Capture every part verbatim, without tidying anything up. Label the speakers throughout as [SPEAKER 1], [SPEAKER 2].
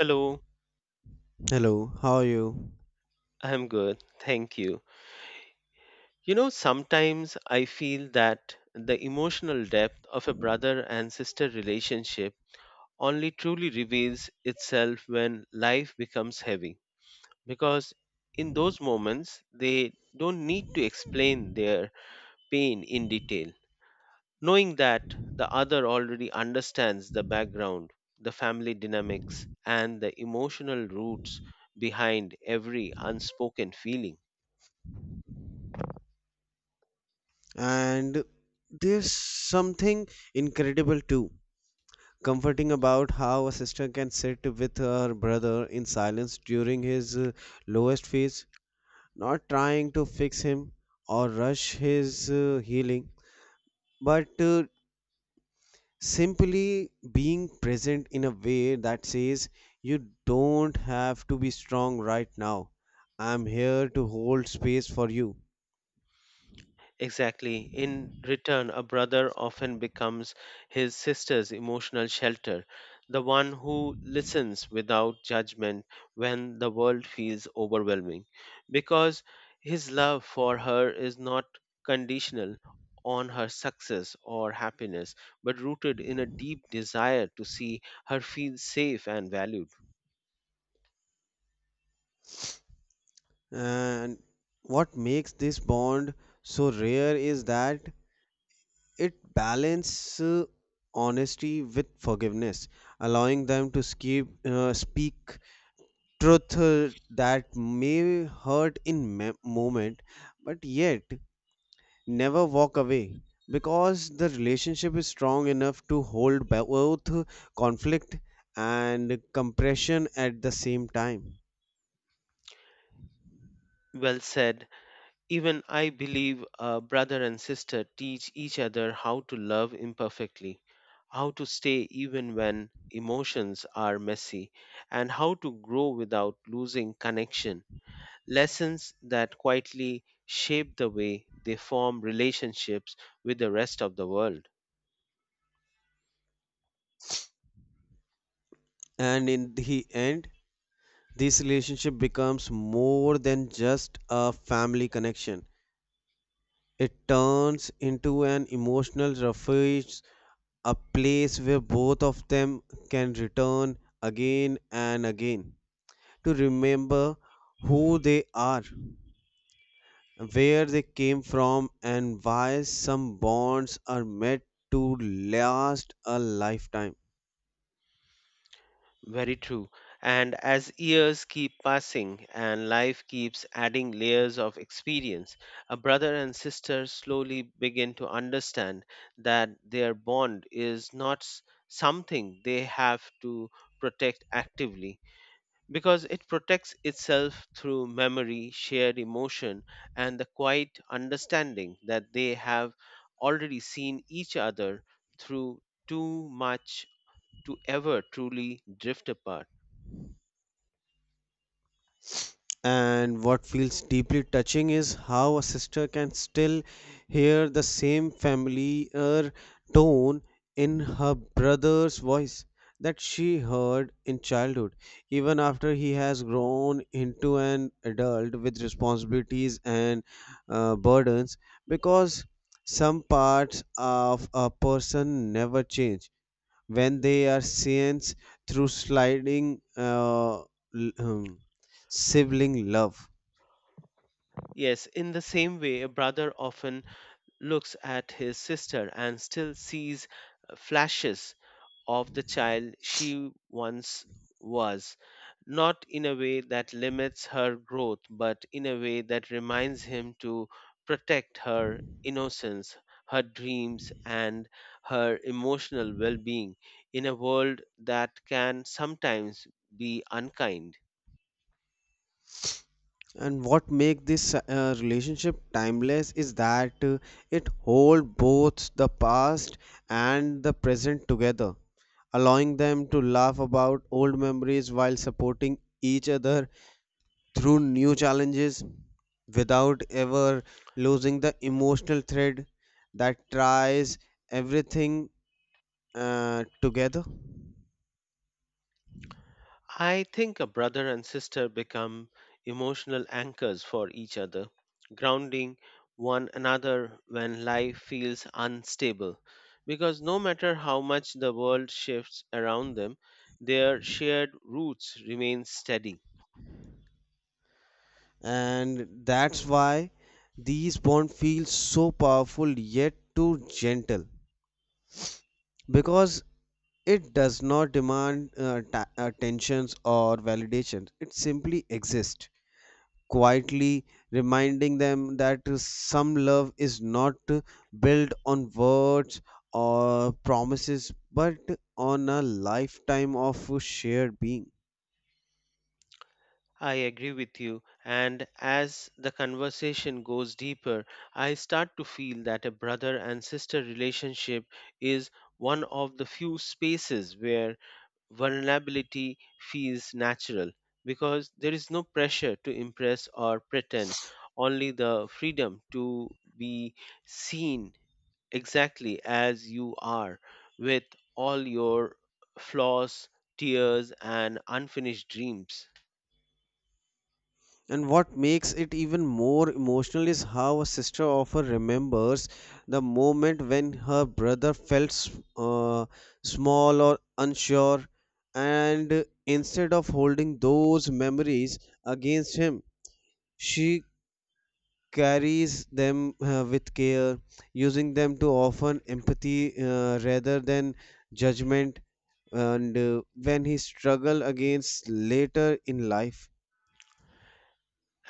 [SPEAKER 1] Hello,
[SPEAKER 2] Hello, how are you?
[SPEAKER 1] I'm good. Thank you. You know, sometimes I feel that the emotional depth of a brother and sister relationship only truly reveals itself when life becomes heavy. Because in those moments, they don't need to explain their pain in detail. Knowing that the other already understands the background, the family dynamics, and the emotional roots behind every unspoken feeling.
[SPEAKER 2] And there's something incredible too, comforting about how a sister can sit with her brother in silence during his uh, lowest phase, not trying to fix him or rush his uh, healing, but uh, simply being present in a way that says, "You don't have to be strong right now. I'm here to hold space for you."
[SPEAKER 1] Exactly. In return, a brother often becomes his sister's emotional shelter, the one who listens without judgment when the world feels overwhelming, because his love for her is not conditional on her success or happiness, but rooted in a deep desire to see her feel safe and valued.
[SPEAKER 2] And what makes this bond so rare is that it balances uh, honesty with forgiveness, allowing them to skip, uh, speak truth uh, that may hurt in me- moment, but yet never walk away because the relationship is strong enough to hold both conflict and compression at the same time.
[SPEAKER 1] Well said. Even I believe a brother and sister teach each other how to love imperfectly, how to stay even when emotions are messy, and how to grow without losing connection. Lessons that quietly shape the way they form relationships with the rest of the world.
[SPEAKER 2] And in the end, this relationship becomes more than just a family connection. It turns into an emotional refuge, a place where both of them can return again and again to remember who they are, where they came from, and why some bonds are meant to last a lifetime.
[SPEAKER 1] Very true. And as years keep passing and life keeps adding layers of experience, a brother and sister slowly begin to understand that their bond is not s- something they have to protect actively because it protects itself through memory, shared emotion, and the quiet understanding that they have already seen each other through too much to ever truly drift apart.
[SPEAKER 2] And what feels deeply touching is how a sister can still hear the same familiar tone in her brother's voice that she heard in childhood, even after he has grown into an adult with responsibilities and uh, burdens, because some parts of a person never change when they are scenes through sliding uh, l- um, sibling love.
[SPEAKER 1] Yes, in the same way, a brother often looks at his sister and still sees uh, flashes of the child she once was, not in a way that limits her growth, but in a way that reminds him to protect her innocence, her dreams, and her emotional well being in a world that can sometimes be unkind.
[SPEAKER 2] And what make this uh, relationship timeless is that uh, it hold both the past and the present together, allowing them to laugh about old memories while supporting each other through new challenges without ever losing the emotional thread that ties everything uh, together.
[SPEAKER 1] I think a brother and sister become emotional anchors for each other, grounding one another when life feels unstable. Because no matter how much the world shifts around them, their shared roots remain steady.
[SPEAKER 2] And that's why these bond feels so powerful yet too gentle, because it does not demand uh, ta- attentions or validations. It simply exists quietly, reminding them that some love is not built on words or promises but on a lifetime of shared being.
[SPEAKER 1] I agree with you, and as the conversation goes deeper, I start to feel that a brother and sister relationship is one of the few spaces where vulnerability feels natural because there is no pressure to impress or pretend, only the freedom to be seen exactly as you are with all your flaws, tears, and unfinished dreams.
[SPEAKER 2] And what makes it even more emotional is how a sister often remembers the moment when her brother felt s- uh, small or unsure, and instead of holding those memories against him, she carries them uh, with care, using them to offer empathy uh, rather than judgment. And uh, when he struggle against later in life.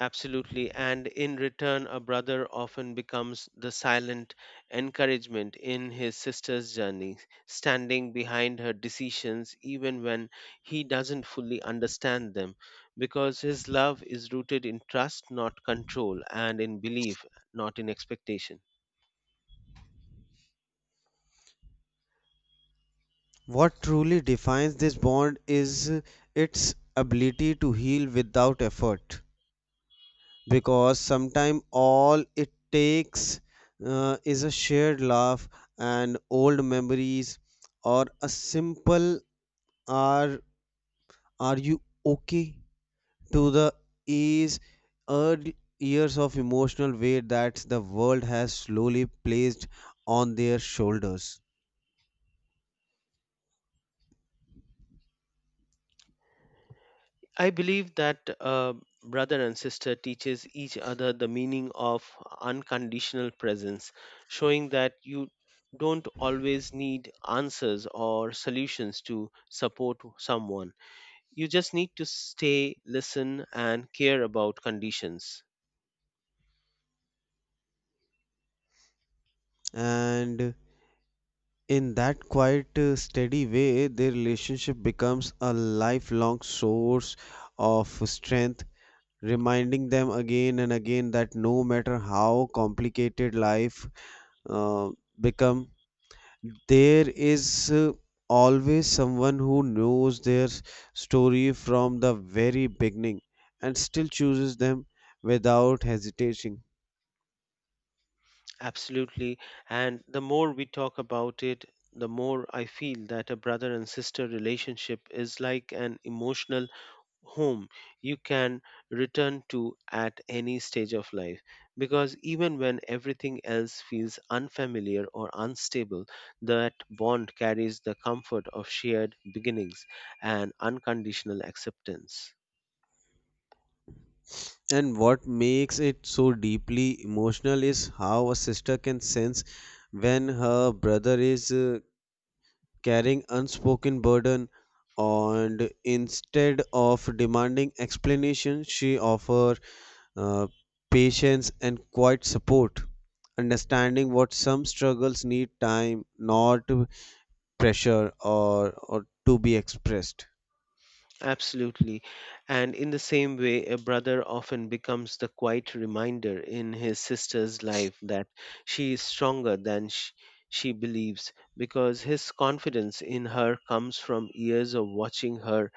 [SPEAKER 1] Absolutely. And in return, a brother often becomes the silent encouragement in his sister's journey, standing behind her decisions even when he doesn't fully understand them, because his love is rooted in trust, not control, and in belief, not in expectation.
[SPEAKER 2] What truly defines this bond is its ability to heal without effort, because sometimes all it takes uh, is a shared laugh and old memories, or a simple are are you okay, to the ease early years of emotional weight that the world has slowly placed on their shoulders.
[SPEAKER 1] I believe that uh, brother and sister teaches each other the meaning of unconditional presence, showing that you don't always need answers or solutions to support someone. You just need to stay, listen, and care about conditions.
[SPEAKER 2] And in that quiet, uh, steady way, their relationship becomes a lifelong source of strength, reminding them again and again that no matter how complicated life uh, become, there is uh, always someone who knows their story from the very beginning and still chooses them without hesitation.
[SPEAKER 1] Absolutely. And the more we talk about it, the more I feel that a brother and sister relationship is like an emotional home you can return to at any stage of life because even when everything else feels unfamiliar or unstable, that bond carries the comfort of shared beginnings and unconditional acceptance.
[SPEAKER 2] And what makes it so deeply emotional is how a sister can sense when her brother is uh, carrying unspoken burden, and instead of demanding explanation she offers uh, patience and quiet support, understanding what some struggles need time, not pressure or, or to be expressed.
[SPEAKER 1] Absolutely. And in the same way, a brother often becomes the quiet reminder in his sister's life that she is stronger than she, she believes because his confidence in her comes from years of watching her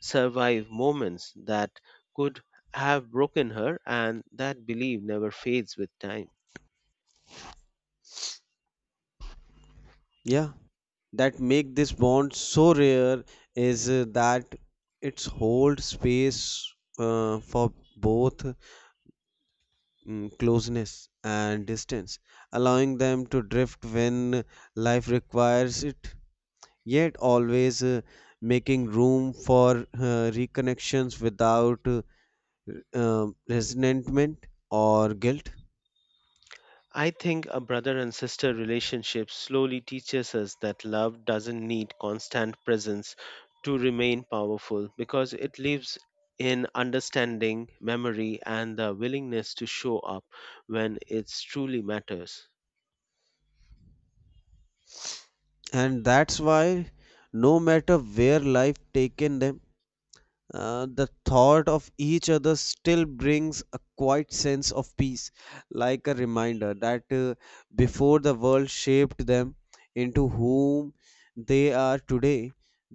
[SPEAKER 1] survive moments that could have broken her, and that belief never fades with time.
[SPEAKER 2] Yeah, that make this bond so rare is uh, that it's hold space uh, for both mm, closeness and distance, allowing them to drift when life requires it, yet always uh, making room for uh, reconnections without uh, uh, resentment or guilt.
[SPEAKER 1] I think a brother and sister relationship slowly teaches us that love doesn't need constant presence to remain powerful because it lives in understanding, memory, and the willingness to show up when it truly matters.
[SPEAKER 2] And that's why, no matter where life taken them, Uh, the thought of each other still brings a quiet sense of peace, like a reminder that uh, before the world shaped them into whom they are today,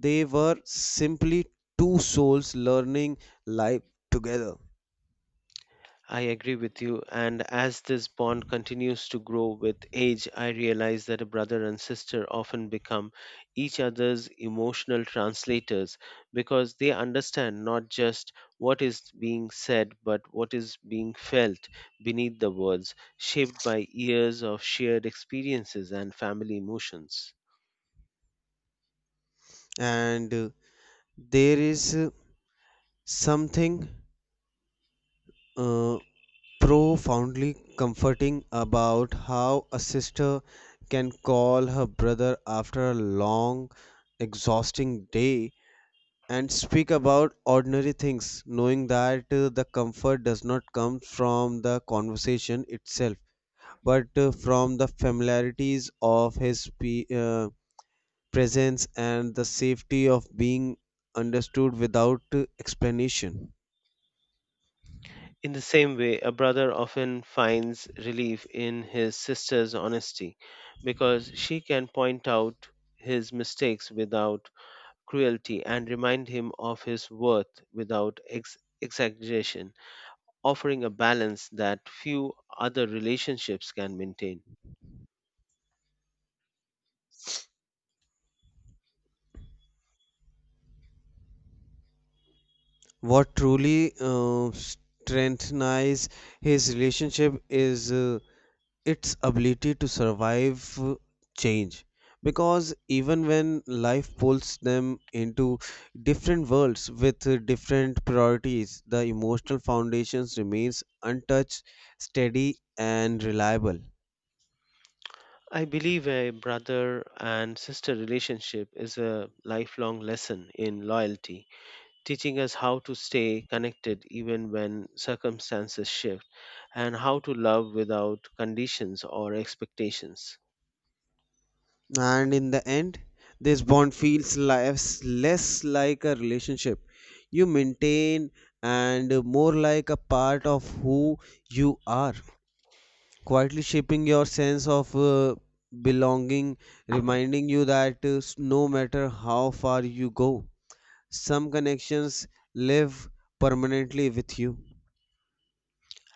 [SPEAKER 2] they were simply two souls learning life together.
[SPEAKER 1] I agree with you. And as this bond continues to grow with age, I realize that a brother and sister often become each other's emotional translators because they understand not just what is being said, but what is being felt beneath the words, shaped by years of shared experiences and family emotions.
[SPEAKER 2] And uh, there is uh, something uh, profoundly comforting about how a sister can call her brother after a long, exhausting day and speak about ordinary things, knowing that uh, the comfort does not come from the conversation itself, but uh, from the familiarities of his pe- uh, presence and the safety of being understood without uh, explanation.
[SPEAKER 1] In the same way, a brother often finds relief in his sister's honesty because she can point out his mistakes without cruelty and remind him of his worth without ex- exaggeration, offering a balance that few other relationships can maintain.
[SPEAKER 2] What truly uh, strengthens his relationship is uh, its ability to survive uh, change. Because even when life pulls them into different worlds with uh, different priorities, the emotional foundations remains untouched, steady, and reliable.
[SPEAKER 1] I believe a brother and sister relationship is a lifelong lesson in loyalty teaching us how to stay connected even when circumstances shift and how to love without conditions or expectations.
[SPEAKER 2] And in the end, this bond feels less, less like a relationship you maintain and more like a part of who you are, quietly shaping your sense of uh, belonging, reminding you that uh, s- no matter how far you go, some connections live permanently with you.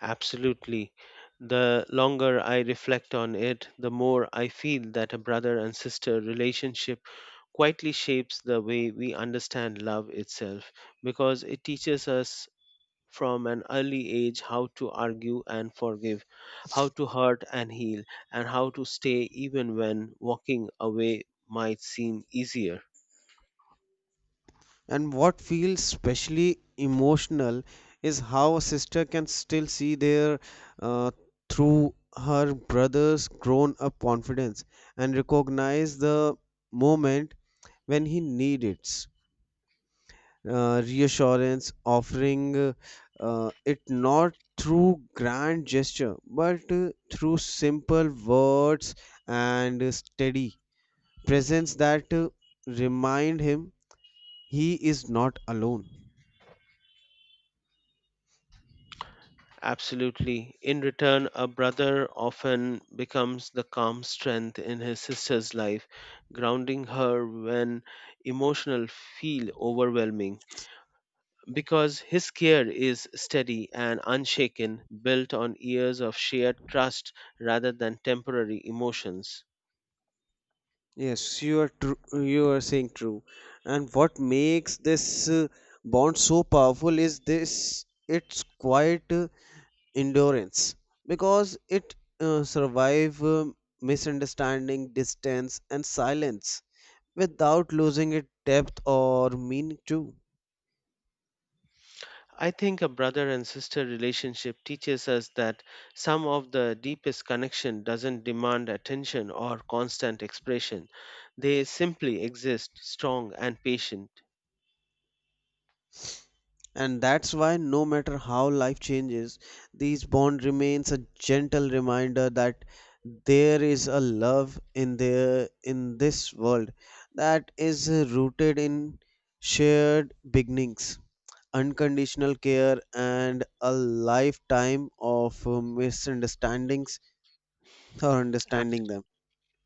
[SPEAKER 1] Absolutely. The longer I reflect on it, the more I feel that a brother and sister relationship quietly shapes the way we understand love itself because it teaches us from an early age how to argue and forgive, how to hurt and heal, and how to stay even when walking away might seem easier.
[SPEAKER 2] And what feels especially emotional is how a sister can still see their uh, through her brother's grown up confidence and recognize the moment when he needs it. Uh, reassurance, offering uh, uh, it not through grand gesture but uh, through simple words and uh, steady presence that uh, remind him he is not alone.
[SPEAKER 1] Absolutely. In return, a brother often becomes the calm strength in his sister's life, grounding her when emotional feel overwhelming. Because his care is steady and unshaken, built on years of shared trust rather than temporary emotions.
[SPEAKER 2] Yes, you are true. You are saying true. And what makes this uh, bond so powerful is this its quiet uh, endurance, because it uh, survive um, misunderstanding, distance, and silence without losing its depth or meaning too.
[SPEAKER 1] I think a brother and sister relationship teaches us that some of the deepest connection doesn't demand attention or constant expression. They simply exist strong and patient.
[SPEAKER 2] And that's why, no matter how life changes, these bond remains a gentle reminder that there is a love in there in this world that is rooted in shared beginnings, unconditional care, and a lifetime of uh, misunderstandings or
[SPEAKER 1] Ab-
[SPEAKER 2] understanding them.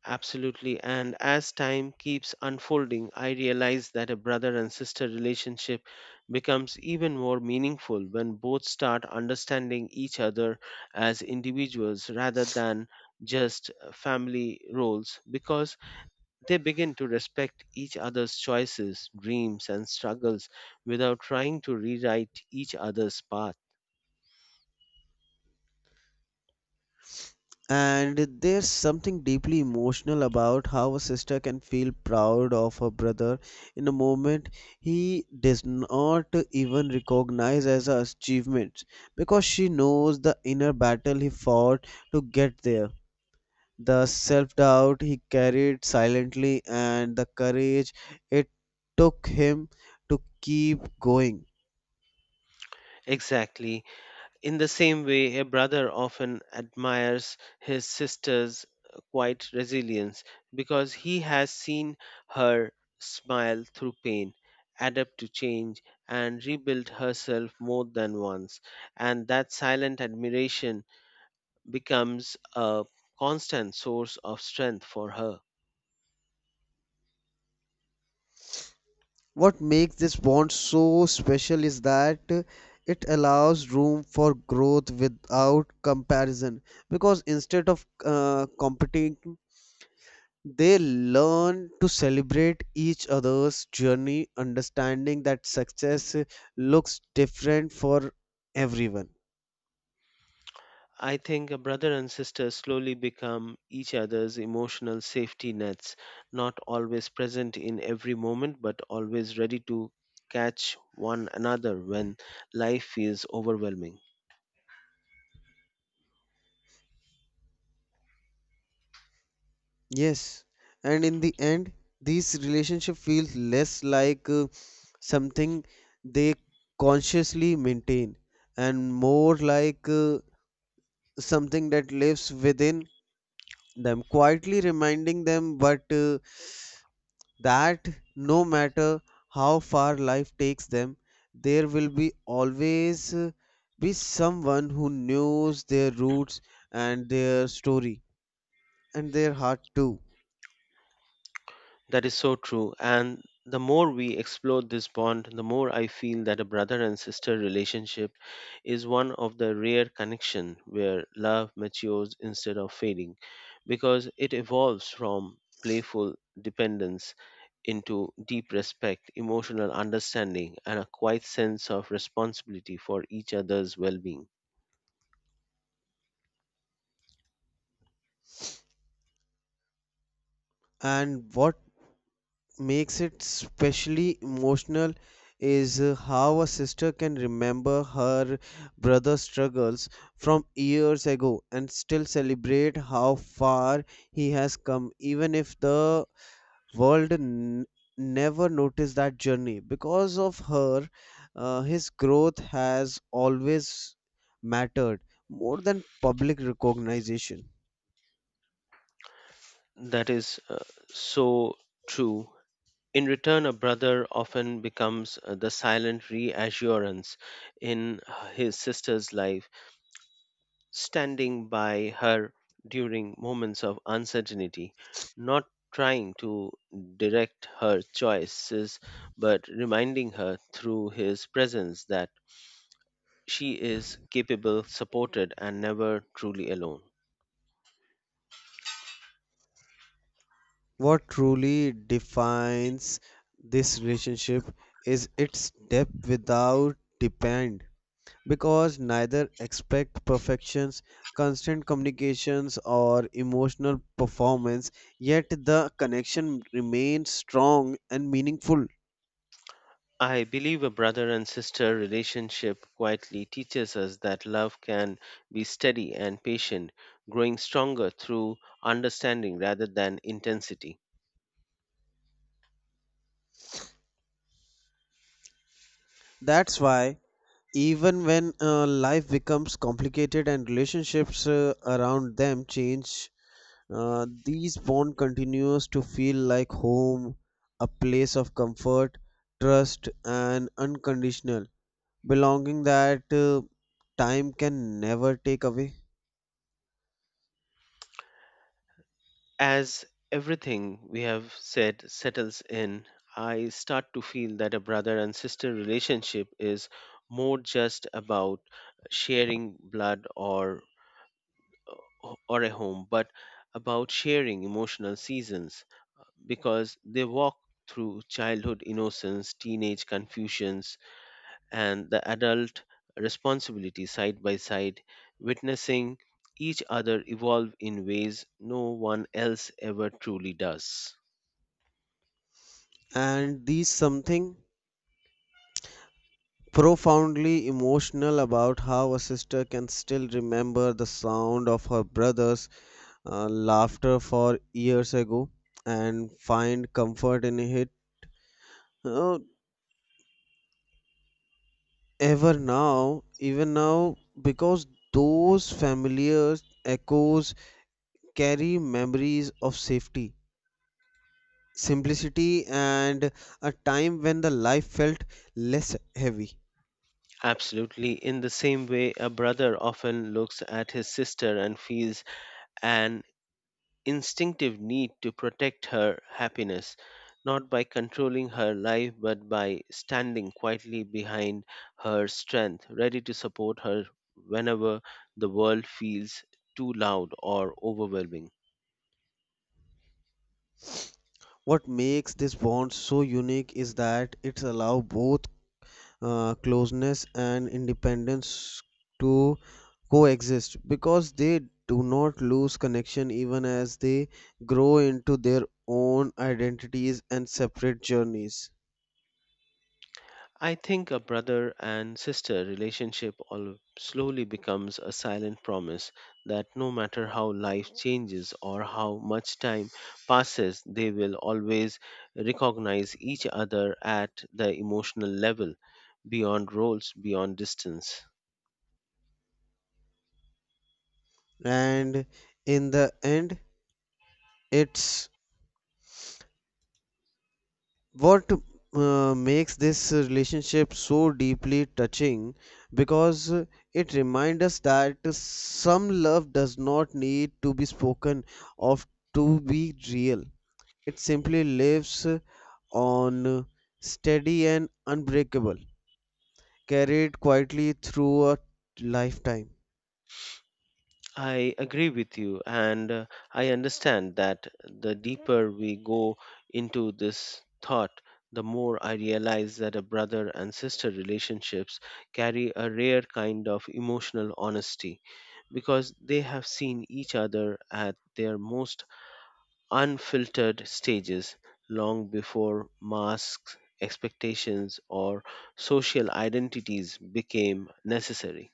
[SPEAKER 1] Absolutely. And as time keeps unfolding, I realize that a brother and sister relationship becomes even more meaningful when both start understanding each other as individuals rather than just uh, family roles because they begin to respect each other's choices, dreams, and struggles without trying to rewrite each other's path.
[SPEAKER 2] And there's something deeply emotional about how a sister can feel proud of her brother in a moment he does not even recognize as an achievement, because she knows the inner battle he fought to get there, the self doubt he carried silently, and the courage it took him to keep going.
[SPEAKER 1] Exactly. In the same way, a brother often admires his sister's quiet resilience because he has seen her smile through pain, adapt to change, and rebuild herself more than once. And that silent admiration becomes a constant source of strength for her.
[SPEAKER 2] What makes this bond so special is that it allows room for growth without comparison, because instead of uh, competing, they learn to celebrate each other's journey, understanding that success looks different for everyone.
[SPEAKER 1] I think a brother and sister slowly become each other's emotional safety nets, not always present in every moment, but always ready to catch one another when life feels overwhelming.
[SPEAKER 2] Yes, and in the end, these relationship feels less like uh, something they consciously maintain and more like uh, something that lives within them, quietly reminding them but uh, that no matter how far life takes them, there will be always uh, be someone who knows their roots and their story and their heart too.
[SPEAKER 1] That is so true. And the more we explore this bond, the more I feel that a brother and sister relationship is one of the rare connection where love matures instead of fading because it evolves from playful dependence into deep respect, emotional understanding, and a quiet sense of responsibility for each other's well being.
[SPEAKER 2] And what makes it specially emotional is uh, how a sister can remember her brother's struggles from years ago and still celebrate how far he has come, even if the world n- never noticed that journey. Because of her, uh, his growth has always mattered more than public recognition.
[SPEAKER 1] That is uh, so true. In return, a brother often becomes uh, the silent reassurance in uh, his sister's life, standing by her during moments of uncertainty, not trying to direct her choices, but reminding her through his presence that she is capable, supported, and never truly alone.
[SPEAKER 2] What truly defines this relationship is its depth without depend, because neither expect perfections, constant communications or emotional performance, yet the connection remains strong and meaningful.
[SPEAKER 1] I believe a brother and sister relationship quietly teaches us that love can be steady and patient, growing stronger through understanding rather than intensity.
[SPEAKER 2] That's why even when uh, life becomes complicated and relationships uh, around them change, Uh, these bond continues to feel like home, a place of comfort, trust, and unconditional belonging that uh, time can never take away.
[SPEAKER 1] As everything we have said settles in, I start to feel that a brother and sister relationship is more just about sharing blood or o- or a home, but about sharing emotional seasons because they walk through childhood innocence, teenage confusions, and the adult responsibility side by side, witnessing each other evolve in ways no one else ever truly does.
[SPEAKER 2] And these something profoundly emotional about how a sister can still remember the sound of her brother's uh, laughter for years ago and find comfort in it. Uh, ever now, Even now, because those familiar echoes carry memories of safety, simplicity, and a time when the life felt less heavy.
[SPEAKER 1] Absolutely. In the same way, a brother often looks at his sister and feels an instinctive need to protect her happiness, not by controlling her life, but by standing quietly behind her strength, ready to support her whenever the world feels too loud or overwhelming.
[SPEAKER 2] What makes this bond so unique is that it allows both uh, closeness and independence to coexist, because they do not lose connection even as they grow into their own identities and separate journeys.
[SPEAKER 1] I think a brother and sister relationship all slowly becomes a silent promise that no matter how life changes or how much time passes, they will always recognize each other at the emotional level, beyond roles, beyond distance.
[SPEAKER 2] And in the end, it's what uh, makes this relationship so deeply touching, because it reminds us that some love does not need to be spoken of to be real. It simply lives on, steady and unbreakable, carried quietly through a lifetime.
[SPEAKER 1] I agree with you, and uh, I understand that the deeper we go into this thought, the more I realize that a brother and sister relationships carry a rare kind of emotional honesty because they have seen each other at their most unfiltered stages long before masks, expectations, or social identities became necessary.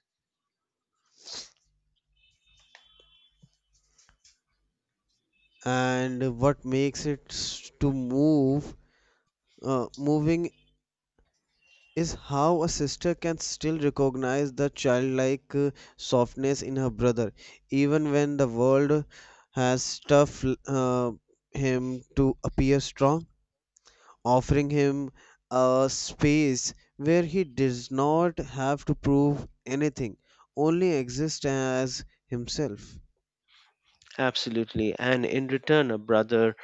[SPEAKER 2] And what makes it s- to move uh, moving is how a sister can still recognize the childlike uh, softness in her brother, even when the world has stuffed uh, him to appear strong, offering him a space where he does not have to prove anything, only exist as himself.
[SPEAKER 1] Absolutely, and in return, a brother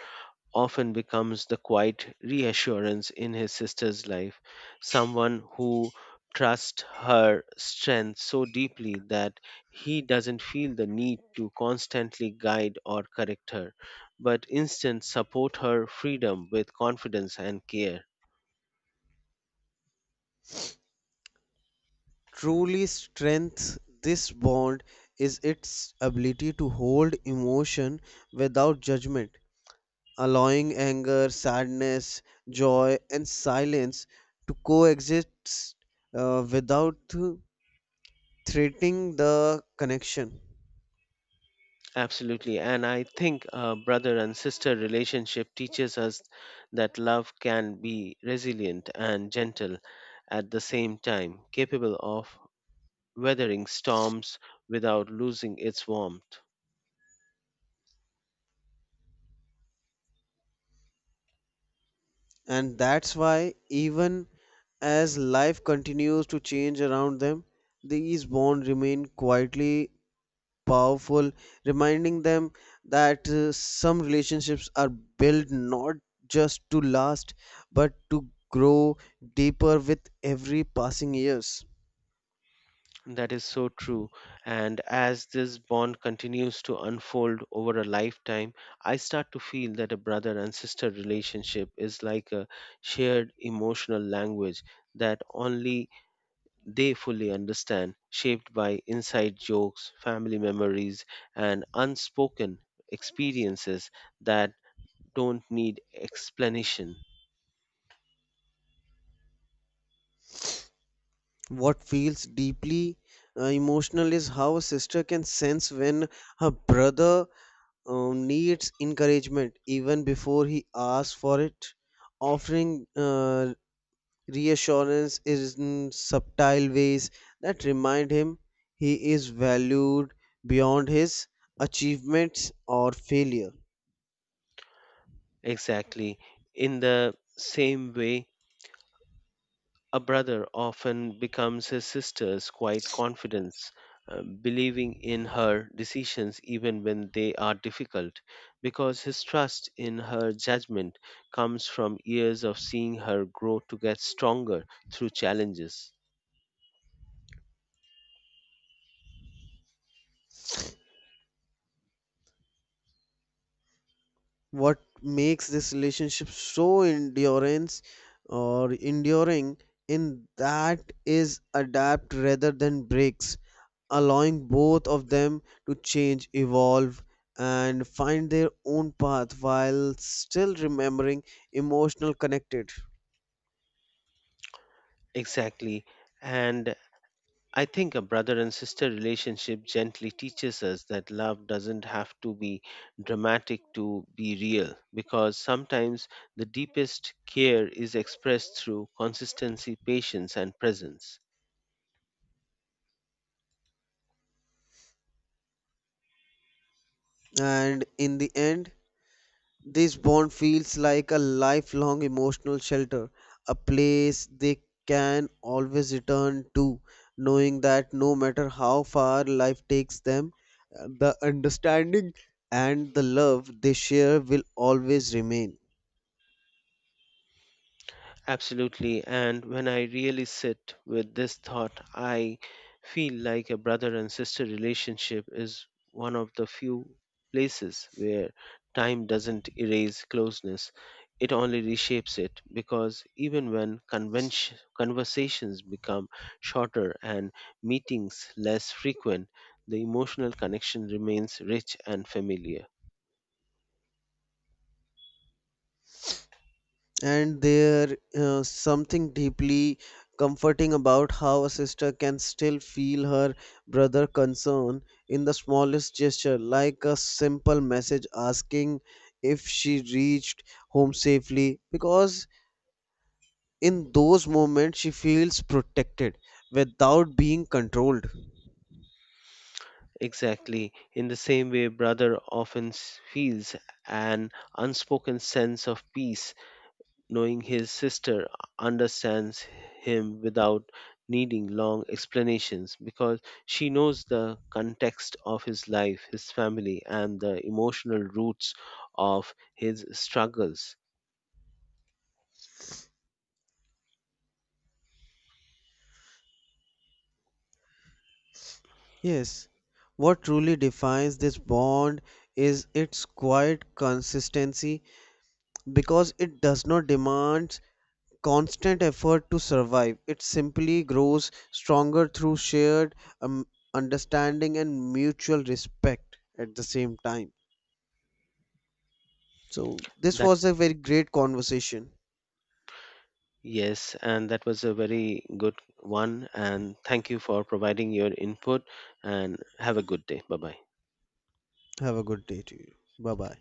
[SPEAKER 1] often becomes the quiet reassurance in his sister's life, someone who trusts her strength so deeply that he doesn't feel the need to constantly guide or correct her, but instead support her freedom with confidence and care.
[SPEAKER 2] Truly strength this bond is its ability to hold emotion without judgment, allowing anger, sadness, joy, and silence to coexist uh, without threatening the connection.
[SPEAKER 1] Absolutely. And I think a brother and sister relationship teaches us that love can be resilient and gentle at the same time, capable of weathering storms without losing its warmth.
[SPEAKER 2] And that's why, even as life continues to change around them, these bonds remain quietly powerful, reminding them that uh, some relationships are built not just to last but to grow deeper with every passing years.
[SPEAKER 1] That is so true. And as this bond continues to unfold over a lifetime, I start to feel that a brother and sister relationship is like a shared emotional language that only they fully understand, shaped by inside jokes, family memories, and unspoken experiences that don't need explanation.
[SPEAKER 2] What feels deeply uh, emotional is how a sister can sense when her brother um, needs encouragement even before he asks for it, offering uh, reassurance in subtle ways that remind him he is valued beyond his achievements or failure.
[SPEAKER 1] Exactly. In the same way, a brother often becomes his sister's quiet confidence, uh, believing in her decisions even when they are difficult, because his trust in her judgment comes from years of seeing her grow to get stronger through challenges.
[SPEAKER 2] What makes this relationship so endurance or enduring in that is adapt rather than breaks, allowing both of them to change evolve and find their own path while still remembering emotional connected.
[SPEAKER 1] Exactly. And I think a brother and sister relationship gently teaches us that love doesn't have to be dramatic to be real, because sometimes the deepest care is expressed through consistency, patience, and presence.
[SPEAKER 2] And in the end, this bond feels like a lifelong emotional shelter, a place they can always return to, knowing that no matter how far life takes them, uh, the understanding and the love they share will always remain.
[SPEAKER 1] Absolutely. And when I really sit with this thought, I feel like a brother and sister relationship is one of the few places where time doesn't erase closeness. It only reshapes it because even when convention, conversations become shorter and meetings less frequent, the emotional connection remains rich and familiar.
[SPEAKER 2] And there uh, something deeply comforting about how a sister can still feel her brother concern in the smallest gesture, like a simple message asking if she reached home safely, because in those moments she feels protected without being controlled.
[SPEAKER 1] Exactly. In the same way, brother often s- feels an unspoken sense of peace knowing his sister understands him without needing long explanations because she knows the context of his life, his family, and the emotional roots of his struggles.
[SPEAKER 2] Yes, what truly defines this bond is its quiet consistency, because it does not demand constant effort to survive. It simply grows stronger through shared um, understanding and mutual respect at the same time. So, this
[SPEAKER 1] That,
[SPEAKER 2] was a very great conversation.
[SPEAKER 1] yes, and that was a very good one. And thank you for providing your input, and have a good day. Bye bye.
[SPEAKER 2] Have a good day to you. Bye bye.